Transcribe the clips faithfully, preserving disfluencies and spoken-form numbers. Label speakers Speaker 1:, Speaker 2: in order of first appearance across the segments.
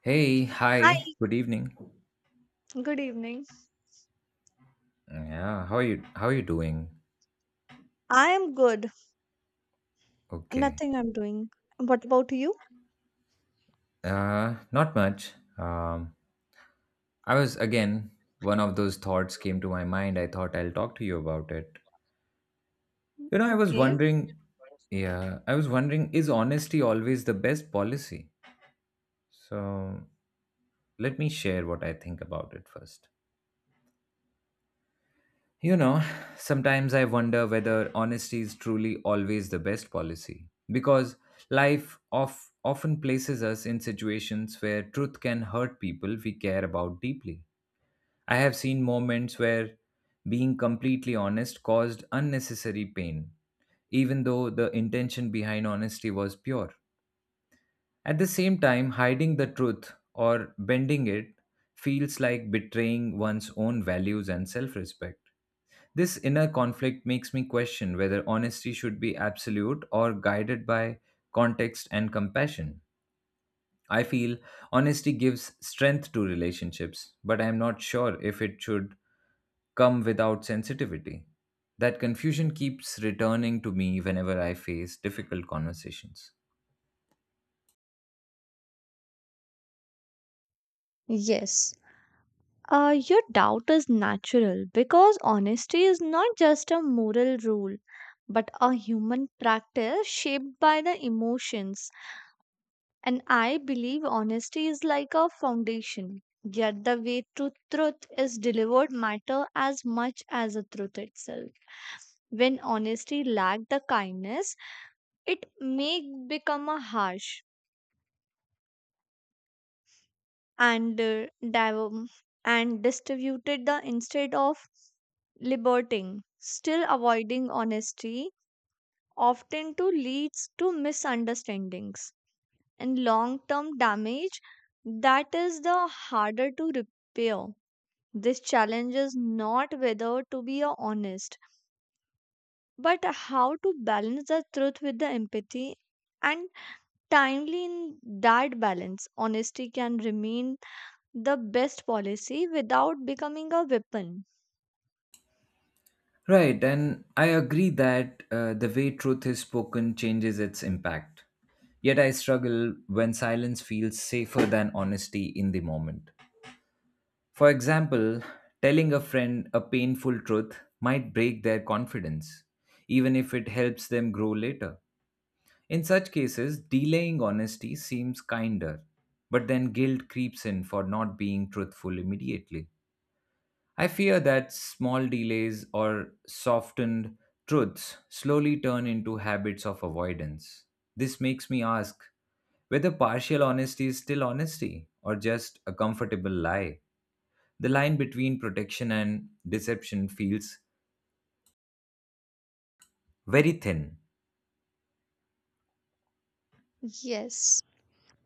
Speaker 1: Hey, hi.
Speaker 2: Hi,
Speaker 1: Good evening.
Speaker 2: good evening.
Speaker 1: Yeah, how are you how are you doing?
Speaker 2: I am good.
Speaker 1: Okay.
Speaker 2: Nothing I'm doing. What about you?
Speaker 1: Uh not much. Um I was again one of those thoughts came to my mind. I thought I'll talk to you about it. You know, I was wondering yeah, I was wondering, is honesty always the best policy? So, let me share what I think about it first. You know, sometimes I wonder whether honesty is truly always the best policy because life of, often places us in situations where truth can hurt people we care about deeply. I have seen moments where being completely honest caused unnecessary pain, even though the intention behind honesty was pure. At the same time, hiding the truth or bending it feels like betraying one's own values and self respect. This inner conflict makes me question whether honesty should be absolute or guided by context and compassion. I feel honesty gives strength to relationships, but I am not sure if it should come without sensitivity. That confusion keeps returning to me whenever I face difficult conversations.
Speaker 2: Yes, uh, your doubt is natural because honesty is not just a moral rule, but a human practice shaped by the emotions. And I believe honesty is like a foundation. Yet the way to truth is delivered matter as much as the truth itself. When honesty lack the kindness, it may become a harsh. and uh, div- um, and distributed the instead of liberating still avoiding honesty often to leads to misunderstandings and long term damage that is the harder to repair. This challenge is not whether to be a honest, but how to balance the truth with the empathy and timely. In that balance honesty can remain the best policy without becoming a weapon.
Speaker 1: Right, and I agree that uh, the way truth is spoken changes its impact. Yet I struggle when silence feels safer than honesty in the moment. For example, telling a friend a painful truth might break their confidence, even if it helps them grow later. In such cases, delaying honesty seems kinder, but then guilt creeps in for not being truthful immediately. I fear that small delays or softened truths slowly turn into habits of avoidance. This makes me ask whether partial honesty is still honesty or just a comfortable lie. The line between protection and deception feels very thin.
Speaker 2: Yes.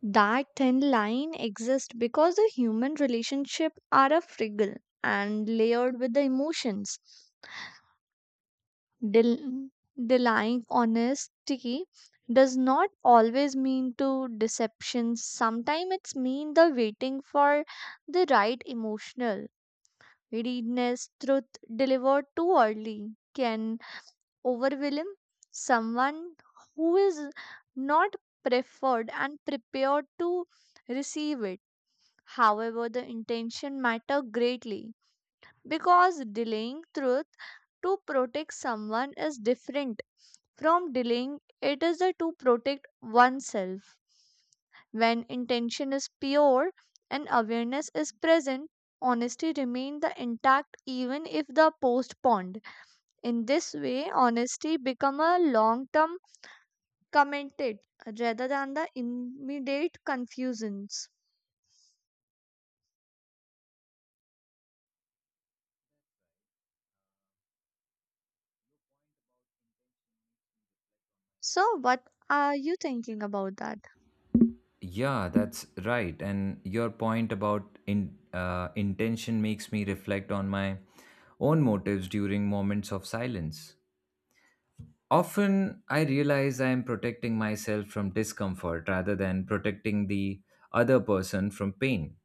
Speaker 2: That thin line exists because the human relationship are a fragile and layered with the emotions. Del- Denying honesty does not always mean to deception. Sometimes it's mean the waiting for the right emotional readiness. Truth delivered too early can overwhelm someone who is not preferred and prepared to receive it. However, the intention matter greatly because delaying truth to protect someone is different from delaying it is the to protect oneself. When intention is pure and awareness is present, honesty remains the intact even if the postponed. In this way, honesty become a long-term commitment rather than the immediate confusions. So, what are you thinking about that?
Speaker 1: Yeah, that's right. And your point about in, uh, intention makes me reflect on my own motives during moments of silence. Often, I realize I am protecting myself from discomfort rather than protecting the other person from pain.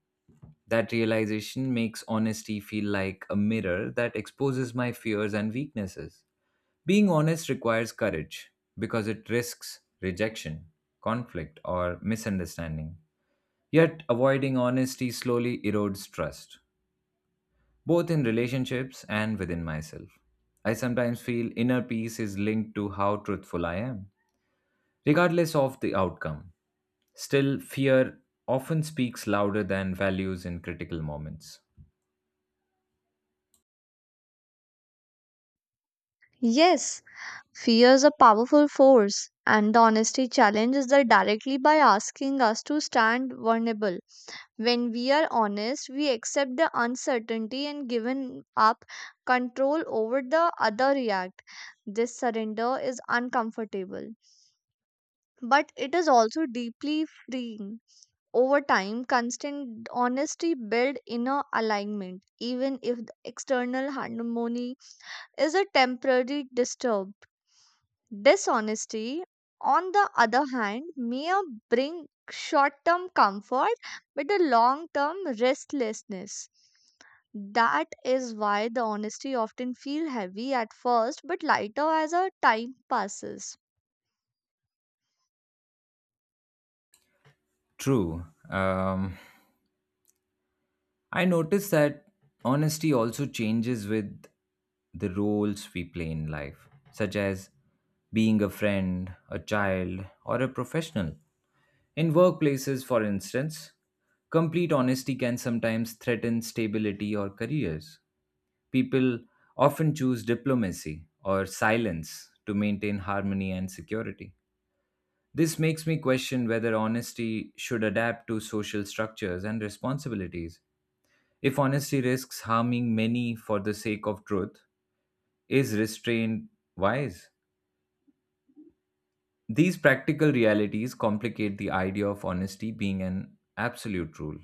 Speaker 1: That realization makes honesty feel like a mirror that exposes my fears and weaknesses. Being honest requires courage because it risks rejection, conflict, or misunderstanding. Yet, avoiding honesty slowly erodes trust, both in relationships and within myself. I sometimes feel inner peace is linked to how truthful I am, regardless of the outcome. Still, fear often speaks louder than values in critical moments.
Speaker 2: Yes, fear is a powerful force, and the honesty challenges that directly by asking us to stand vulnerable. When we are honest, we accept the uncertainty and given up control over the other react. This surrender is uncomfortable but it is also deeply freeing. Over time, constant honesty builds inner alignment, even if the external harmony is a temporary disturb. Dishonesty, on the other hand, may bring short term comfort but a long term restlessness. That is why the honesty often feels heavy at first but lighter as a time passes.
Speaker 1: True. Um, I noticed that honesty also changes with the roles we play in life, such as being a friend, a child, or a professional. In workplaces, for instance, complete honesty can sometimes threaten stability or careers. People often choose diplomacy or silence to maintain harmony and security. This makes me question whether honesty should adapt to social structures and responsibilities. If honesty risks harming many for the sake of truth, is restraint wise? These practical realities complicate the idea of honesty being an absolute rule.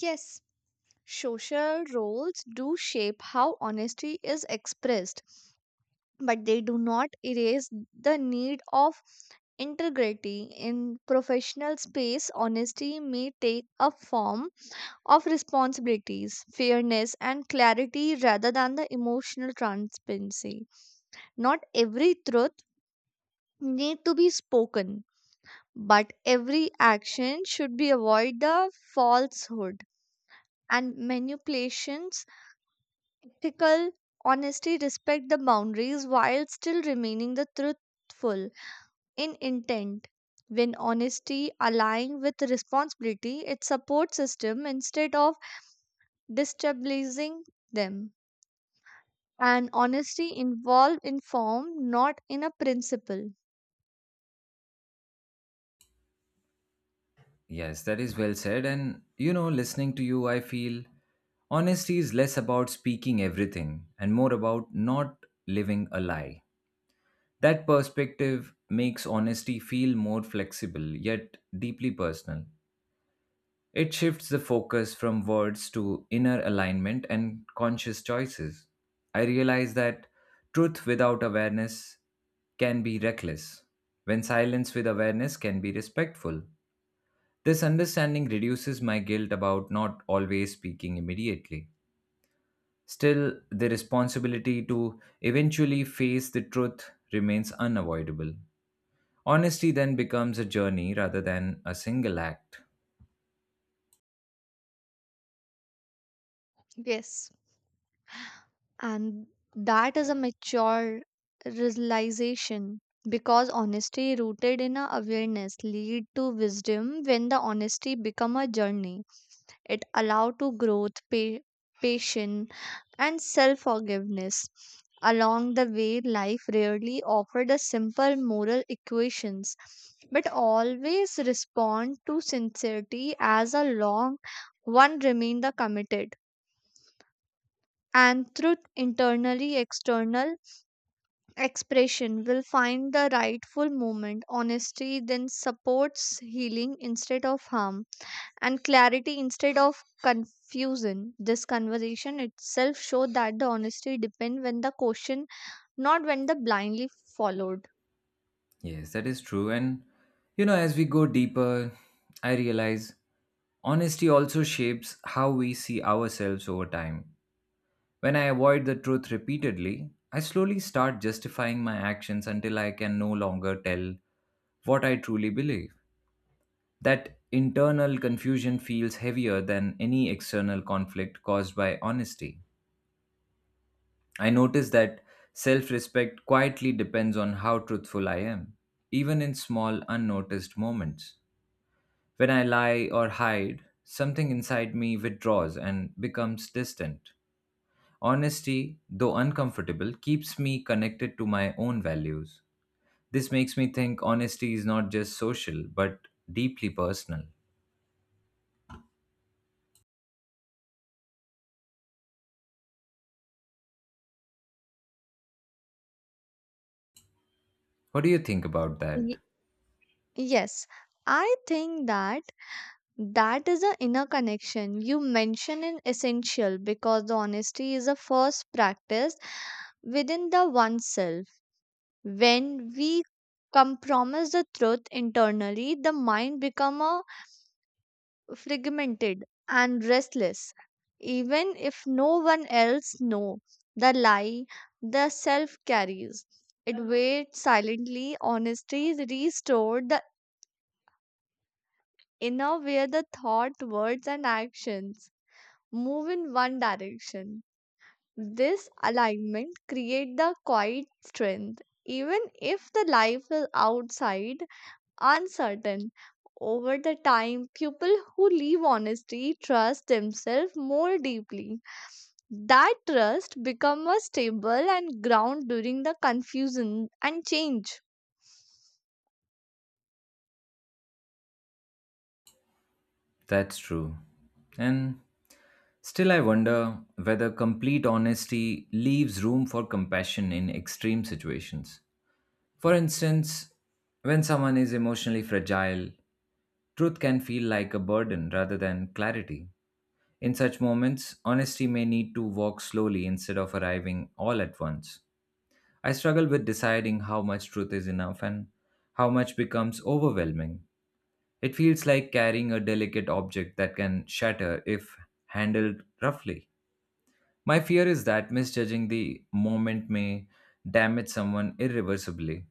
Speaker 2: Yes, social roles do shape how honesty is expressed, but they do not erase the need of integrity. In professional space, honesty may take a form of responsibilities, fairness, and clarity rather than the emotional transparency. Not every truth need to be spoken, but every action should be avoid the falsehood and manipulations. Ethical honesty respect the boundaries while still remaining the truthful in intent. When honesty align with responsibility, it supports system instead of destabilizing them. And honesty involved in form, not in a principle.
Speaker 1: Yes, that is well said. And you know, listening to you, I feel honesty is less about speaking everything and more about not living a lie. That perspective makes honesty feel more flexible yet deeply personal. It shifts the focus from words to inner alignment and conscious choices. I realize that truth without awareness can be reckless, when silence with awareness can be respectful. This understanding reduces my guilt about not always speaking immediately. Still, the responsibility to eventually face the truth remains unavoidable. Honesty then becomes a journey rather than a single act.
Speaker 2: Yes, and that is a mature realization because honesty rooted in a awareness lead to wisdom. When the honesty become a journey, it allowed to growth, pa- patience, and self forgiveness along the way. Life rarely offered a simple moral equations but always respond to sincerity. As a long one remained the committed and through internally external expression, will find the rightful moment. Honesty then supports healing instead of harm, and clarity instead of confusion. This conversation itself showed that the honesty depend when the question, not when the blindly followed.
Speaker 1: Yes, that is true. And you know, as we go deeper, I realize honesty also shapes how we see ourselves over time. When I avoid the truth repeatedly, I slowly start justifying my actions until I can no longer tell what I truly believe. That internal confusion feels heavier than any external conflict caused by honesty. I notice that self respect quietly depends on how truthful I am, even in small, unnoticed moments. When I lie or hide, something inside me withdraws and becomes distant. Honesty, though uncomfortable, keeps me connected to my own values. This makes me think honesty is not just social, but deeply personal. What do you think about that?
Speaker 2: Ye- yes, I think that that is a inner connection you mention in essential because the honesty is a first practice within the oneself. When we compromise the truth internally, the mind become a fragmented and restless even if no one else know the lie. The self carries it, waits silently. Honesty restored the inner where the thought, words and actions move in one direction. This alignment create the quiet strength even if the life is outside uncertain. Over the time, people who live honestly trust themselves more deeply. That trust become a stable and ground during the confusion and change.
Speaker 1: That's true. And still, I wonder whether complete honesty leaves room for compassion in extreme situations. For instance, when someone is emotionally fragile, truth can feel like a burden rather than clarity. In such moments, honesty may need to walk slowly instead of arriving all at once. I struggle with deciding how much truth is enough and how much becomes overwhelming. It feels like carrying a delicate object that can shatter if handled roughly. My fear is that misjudging the moment may damage someone irreversibly.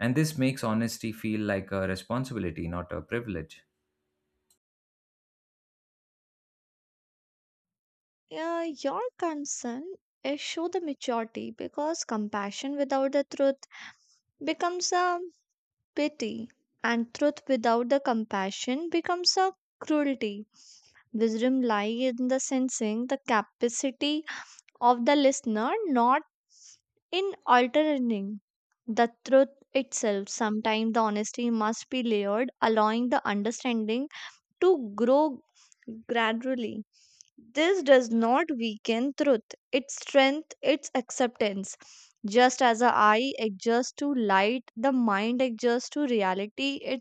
Speaker 1: And this makes honesty feel like a responsibility, not a privilege.
Speaker 2: Uh, your concern is show the maturity because compassion without the truth becomes a pity, and truth without the compassion becomes a cruelty. Wisdom lies in the sensing the capacity of the listener, not in altering the truth itself. Sometimes the honesty must be layered, allowing the understanding to grow gradually. This does not weaken truth, its strength, its acceptance. Just as the eye adjusts to light, the mind adjusts to reality. It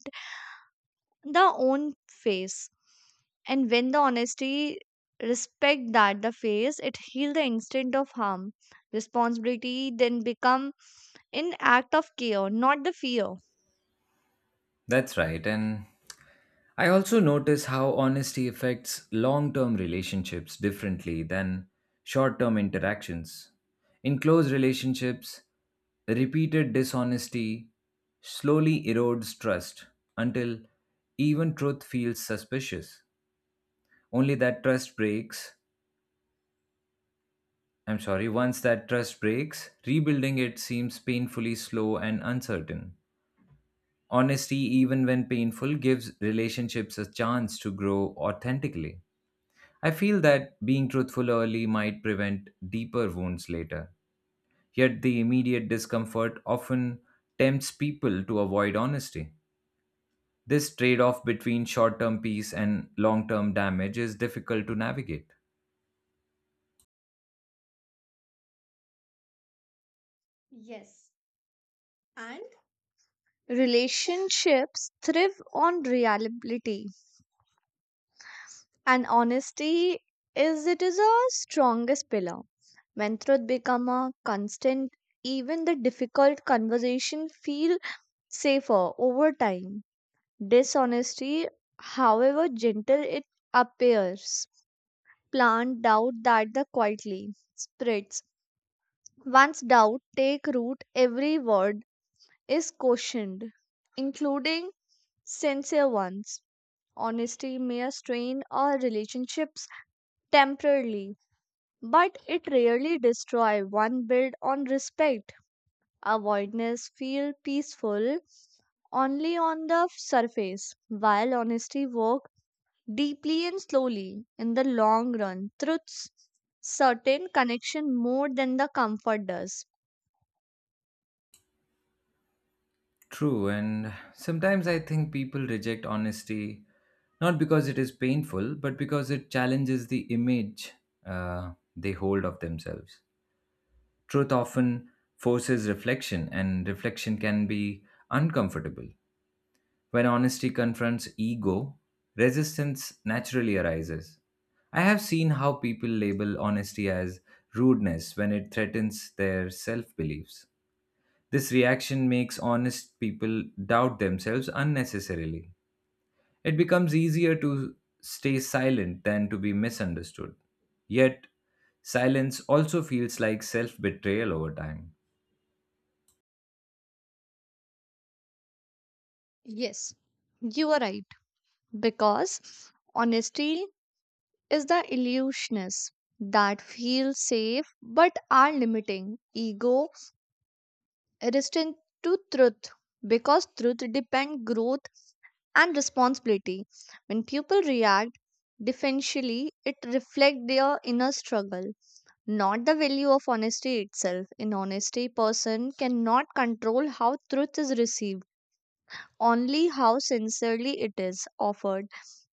Speaker 2: the own face, and when the honesty respect that the face, it heal the instinct of harm. Responsibility then become an act of care, not the fear.
Speaker 1: That's right. And I also notice how honesty affects long term relationships differently than short term interactions. In close relationships, repeated dishonesty slowly erodes trust until even truth feels suspicious. Only that trust breaks. I'm sorry, once that trust breaks, rebuilding it seems painfully slow and uncertain. Honesty, even when painful, gives relationships a chance to grow authentically. I feel that being truthful early might prevent deeper wounds later. Yet the immediate discomfort often tempts people to avoid honesty. This trade off between short term peace and long term damage is difficult to navigate.
Speaker 2: Yes. And relationships thrive on reliability, and honesty is, it is a strongest pillar. When truth become a constant, even the difficult conversation feel safer over time. Dishonesty, however gentle it appears, plant doubt that the quietly spreads. Once doubt take root, every word is cautioned, including sincere ones. Honesty may strain our relationships temporarily, but it rarely destroy one built on respect. Avoidance feel peaceful only on the surface, while honesty works deeply and slowly. In the long run, truths certain connection more than the comfort does.
Speaker 1: True, and sometimes I think people reject honesty not because it is painful, but because it challenges the image uh, they hold of themselves. Truth often forces reflection, and reflection can be uncomfortable. When honesty confronts ego, resistance naturally arises. I have seen how people label honesty as rudeness when it threatens their self beliefs. This reaction makes honest people doubt themselves unnecessarily. It becomes easier to stay silent than to be misunderstood. Yet, silence also feels like self betrayal over time.
Speaker 2: Yes, you are right because honesty is the illusionist that feels safe but are limiting. Ego resistant to truth because truth depend growth and responsibility. When people react defensively, it reflect their inner struggle, not the value of honesty itself. In honesty, person cannot control how truth is received, only how sincerely it is offered.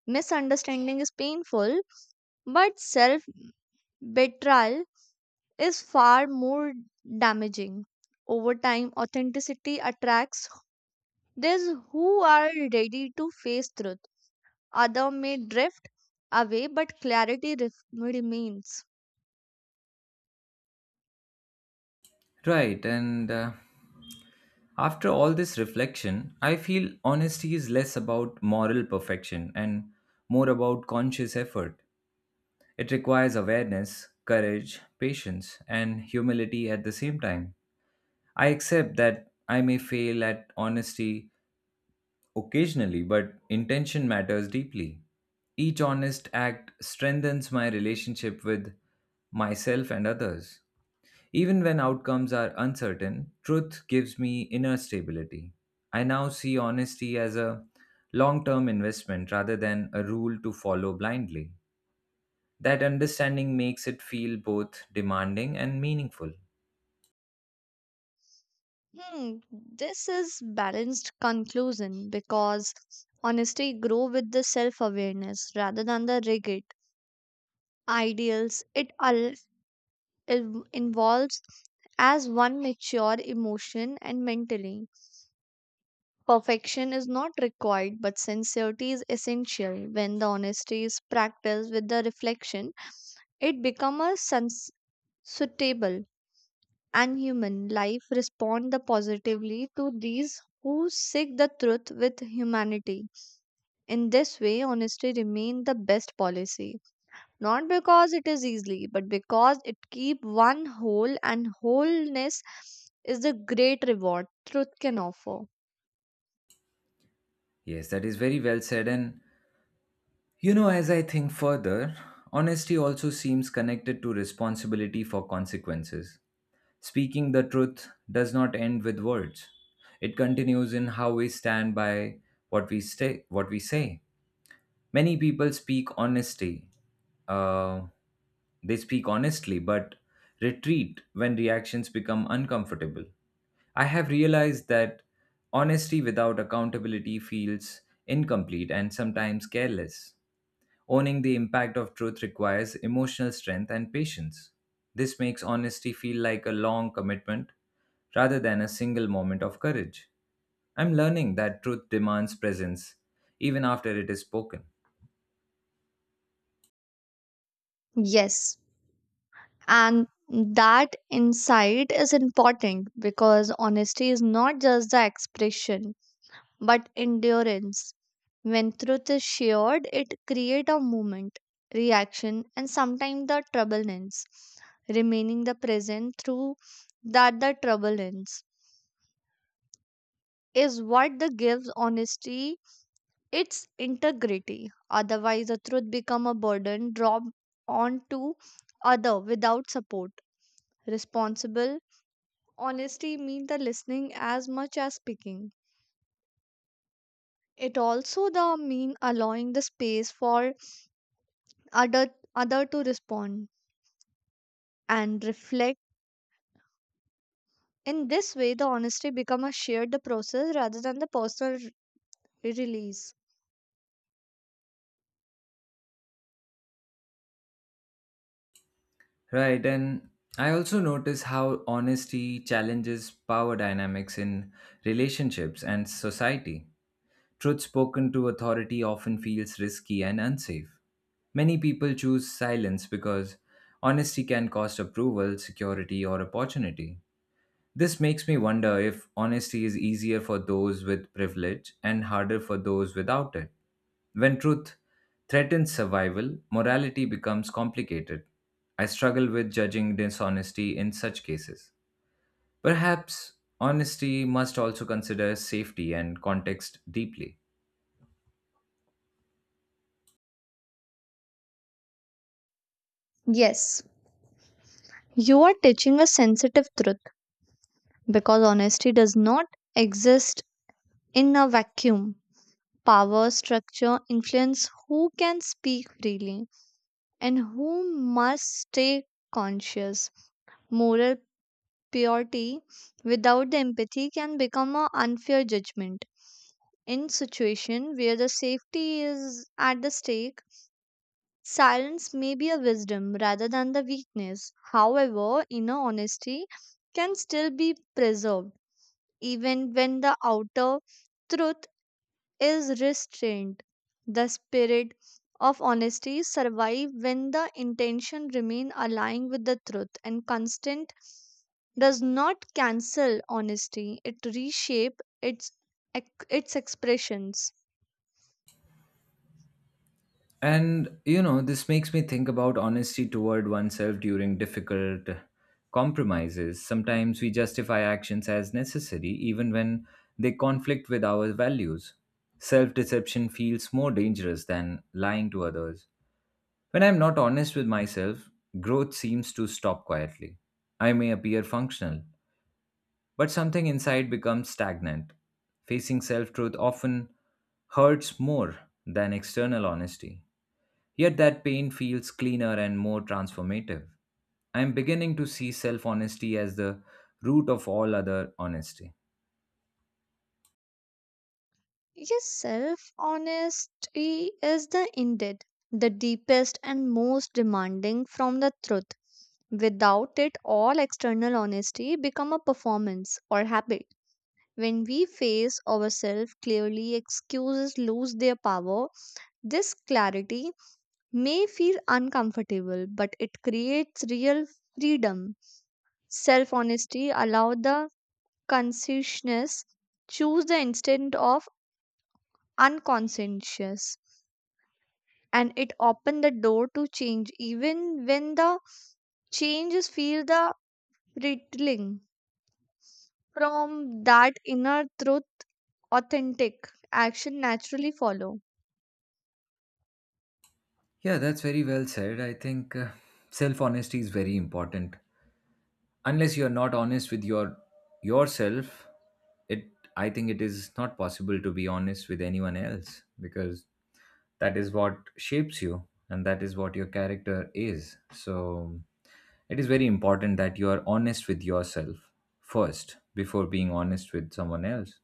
Speaker 2: Misunderstanding is painful, but self betrayal is far more damaging. Over time, authenticity attracts those who are ready to face truth. Other may drift away, but clarity ref- remains.
Speaker 1: Right, and uh, after all this reflection, I feel honesty is less about moral perfection and more about conscious effort. It requires awareness, courage, patience, and humility at the same time. I accept that I may fail at honesty occasionally, but intention matters deeply. Each honest act strengthens my relationship with myself and others. Even when outcomes are uncertain, truth gives me inner stability. I now see honesty as a long term investment rather than a rule to follow blindly. That understanding makes it feel both demanding and meaningful.
Speaker 2: Hmm, this is balanced conclusion because honesty grow with the self-awareness rather than the rigid ideals. It, all involves as one mature emotion and mentally. Perfection is not required, but sincerity is essential. When the honesty is practiced with the reflection, it becomes a sens- suitable and human. Life respond the positively to these who seek the truth with humanity. In this way, honesty remain the best policy, not because it is easy, but because it keep one whole, and wholeness is the great reward truth can offer.
Speaker 1: Yes, that is very well said. And you know, as I think further, honesty also seems connected to responsibility for consequences. Speaking the truth does not end with words, it continues in how we stand by what we, stay, what we say. Many people speak honesty. Uh, they speak honestly, but retreat when reactions become uncomfortable. I have realized that honesty without accountability feels incomplete and sometimes careless. Owning the impact of truth requires emotional strength and patience. This makes honesty feel like a long commitment rather than a single moment of courage. I'm learning that truth demands presence even after it is spoken.
Speaker 2: Yes, and that insight is important because honesty is not just the expression but endurance. When truth is shared, it creates a movement, reaction, and sometimes the trouble ends. Remaining the present through that the trouble ends is what the gives honesty its integrity. Otherwise, the truth become a burden dropped onto other without support. Responsible honesty mean the listening as much as speaking. It also the mean allowing the space for other other to respond and reflect. In this way, the honesty become a shared the process rather than the personal re- release.
Speaker 1: Right, and I also notice how honesty challenges power dynamics in relationships and society. Truth spoken to authority often feels risky and unsafe. Many people choose silence because honesty can cost approval, security, or opportunity. This makes me wonder if honesty is easier for those with privilege and harder for those without it. When truth threatens survival, morality becomes complicated. I struggle with judging dishonesty in such cases. Perhaps honesty must also consider safety and context deeply.
Speaker 2: Yes, you are teaching a sensitive truth because honesty does not exist in a vacuum. Power, structure, influence who can speak freely and who must stay conscious. Moral purity without the empathy can become an unfair judgment. In situation where the safety is at the stake, silence may be a wisdom rather than the weakness. However, inner honesty can still be preserved even when the outer truth is restrained. The spirit of honesty survives when the intention remains aligned with the truth, and constant does not cancel honesty. It reshapes its, its expressions.
Speaker 1: And you know, this makes me think about honesty toward oneself during difficult compromises. Sometimes we justify actions as necessary, even when they conflict with our values. Self deception feels more dangerous than lying to others. When I'm not honest with myself, growth seems to stop quietly. I may appear functional, but something inside becomes stagnant. Facing self truth often hurts more than external honesty. Yet that pain feels cleaner and more transformative. I am beginning to see self honesty as the root of all other honesty.
Speaker 2: Yes, self honesty is the indeed the deepest and most demanding from the truth. Without it, all external honesty become a performance or habit. When we face ourselves clearly, excuses lose their power. This clarity may feel uncomfortable, but it creates real freedom. Self honesty allow the consciousness choose the instant of unconscientious, and it opened the door to change even when the changes feel the pricking. From that inner truth, authentic action naturally follow.
Speaker 1: Yeah, that's very well said. I think uh, self honesty is very important. Unless you are not honest with your yourself, it I think it is not possible to be honest with anyone else because that is what shapes you and that is what your character is. So it is very important that you are honest with yourself first before being honest with someone else.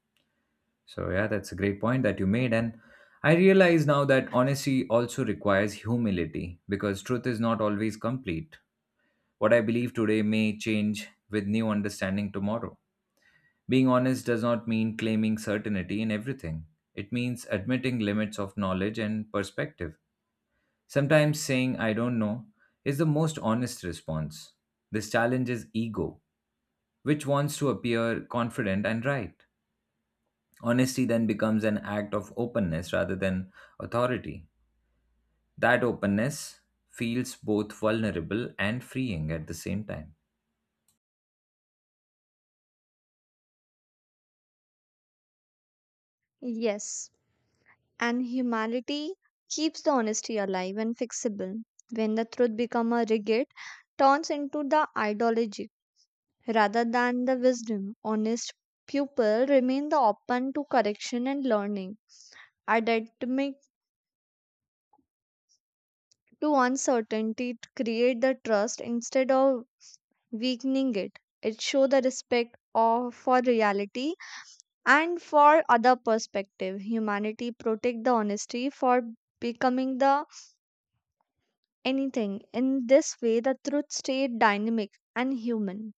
Speaker 1: So, yeah, that's a great point that you made. And I realize now that honesty also requires humility because truth is not always complete. What I believe today may change with new understanding tomorrow. Being honest does not mean claiming certainty in everything, it means admitting limits of knowledge and perspective. Sometimes saying, I don't know, is the most honest response. This challenges ego which wants to appear confident and right. Honesty then becomes an act of openness rather than authority. That openness feels both vulnerable and freeing at the same time.
Speaker 2: Yes, and humanity keeps the honesty alive and fixable. When the truth become a rigid, turns into the ideology rather than the wisdom. Honest people remain the open to correction and learning, academic to uncertainty, to create the trust instead of weakening it. It show the respect of for reality and for other perspective. Humanity protect the honesty for becoming the anything. In this way, the truth stay dynamic and human.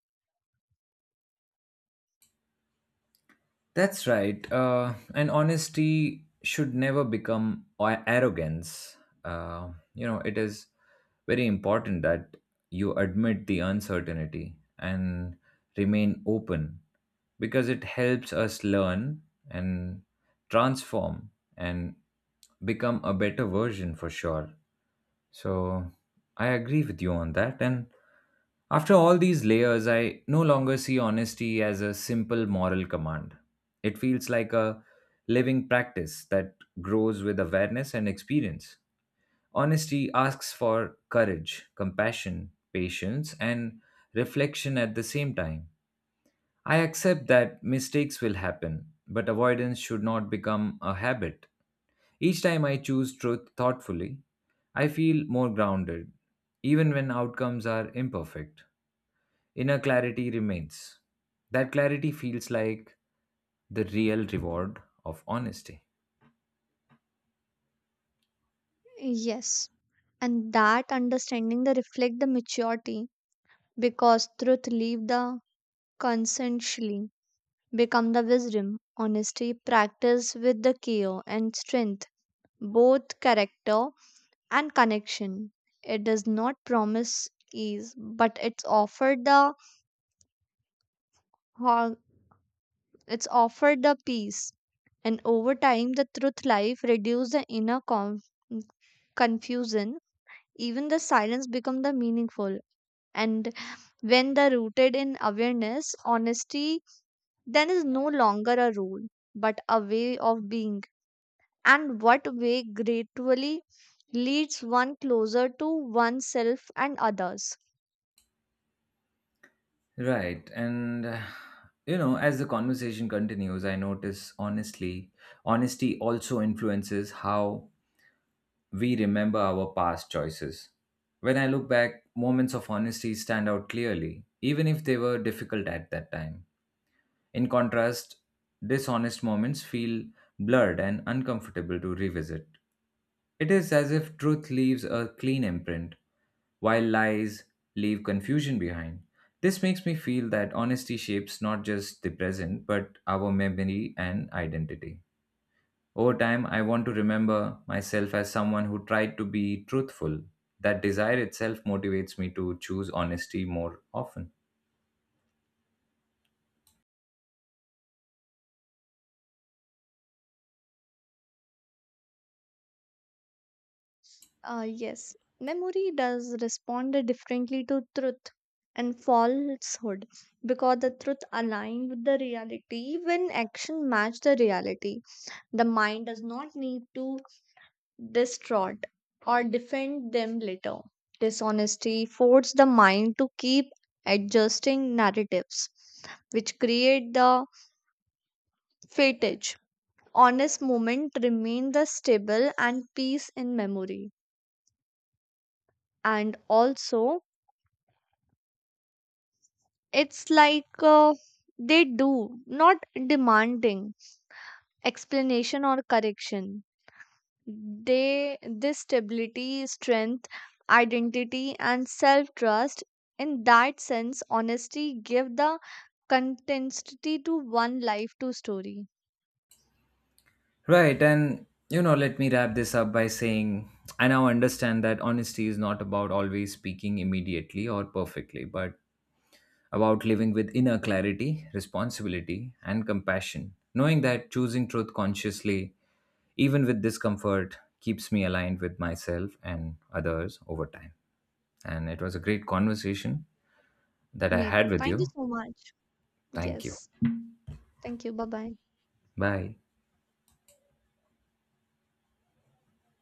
Speaker 1: That's right. Uh, and honesty should never become a- arrogance. Uh, you know, it is very important that you admit the uncertainty and remain open because it helps us learn and transform and become a better version for sure. So I agree with you on that. And after all these layers, I no longer see honesty as a simple moral command. It feels like a living practice that grows with awareness and experience. Honesty asks for courage, compassion, patience, and reflection at the same time. I accept that mistakes will happen, but avoidance should not become a habit. Each time I choose truth thoughtfully, I feel more grounded, even when outcomes are imperfect. Inner clarity remains. That clarity feels like the real reward of honesty.
Speaker 2: Yes, and that understanding the reflect the maturity because truth leave the consensually become the wisdom, honesty, practice with the care and strength, both character and connection. It does not promise ease, but it's offered the har- it's offered the peace. And over time, the truth life reduce the inner conf- confusion. Even the silence become the meaningful. And when the rooted in awareness, honesty, then is no longer a rule, but a way of being. And what way gradually leads one closer to oneself and others.
Speaker 1: Right. And, uh, you know, as the conversation continues, I notice honestly, honesty also influences how we remember our past choices. When I look back, moments of honesty stand out clearly, even if they were difficult at that time. In contrast, dishonest moments feel blurred and uncomfortable to revisit. It is as if truth leaves a clean imprint, while lies leave confusion behind. This makes me feel that honesty shapes not just the present, but our memory and identity. Over time, I want to remember myself as someone who tried to be truthful. That desire itself motivates me to choose honesty more often.
Speaker 2: Uh, yes, memory does respond differently to truth and falsehood because the truth aligns with the reality when action match the reality. The mind does not need to distort or defend them later. Dishonesty forces the mind to keep adjusting narratives, which create the fatigue. Honest moment remain the stable and peace in memory, and also it's like uh, they do not demanding explanation or correction. They, this stability strength identity and self trust. In that sense honesty give the consistency to one life to story.
Speaker 1: Right. And, you know, let me wrap this up by saying I now understand that honesty is not about always speaking immediately or perfectly, but about living with inner clarity, responsibility, and compassion. Knowing that choosing truth consciously, even with discomfort, keeps me aligned with myself and others over time. And it was a great conversation that I
Speaker 2: Me
Speaker 1: had
Speaker 2: too,
Speaker 1: with
Speaker 2: thank you
Speaker 1: you.
Speaker 2: so much.
Speaker 1: Thank you.
Speaker 2: Yes, thank you. Bye bye.
Speaker 1: Bye.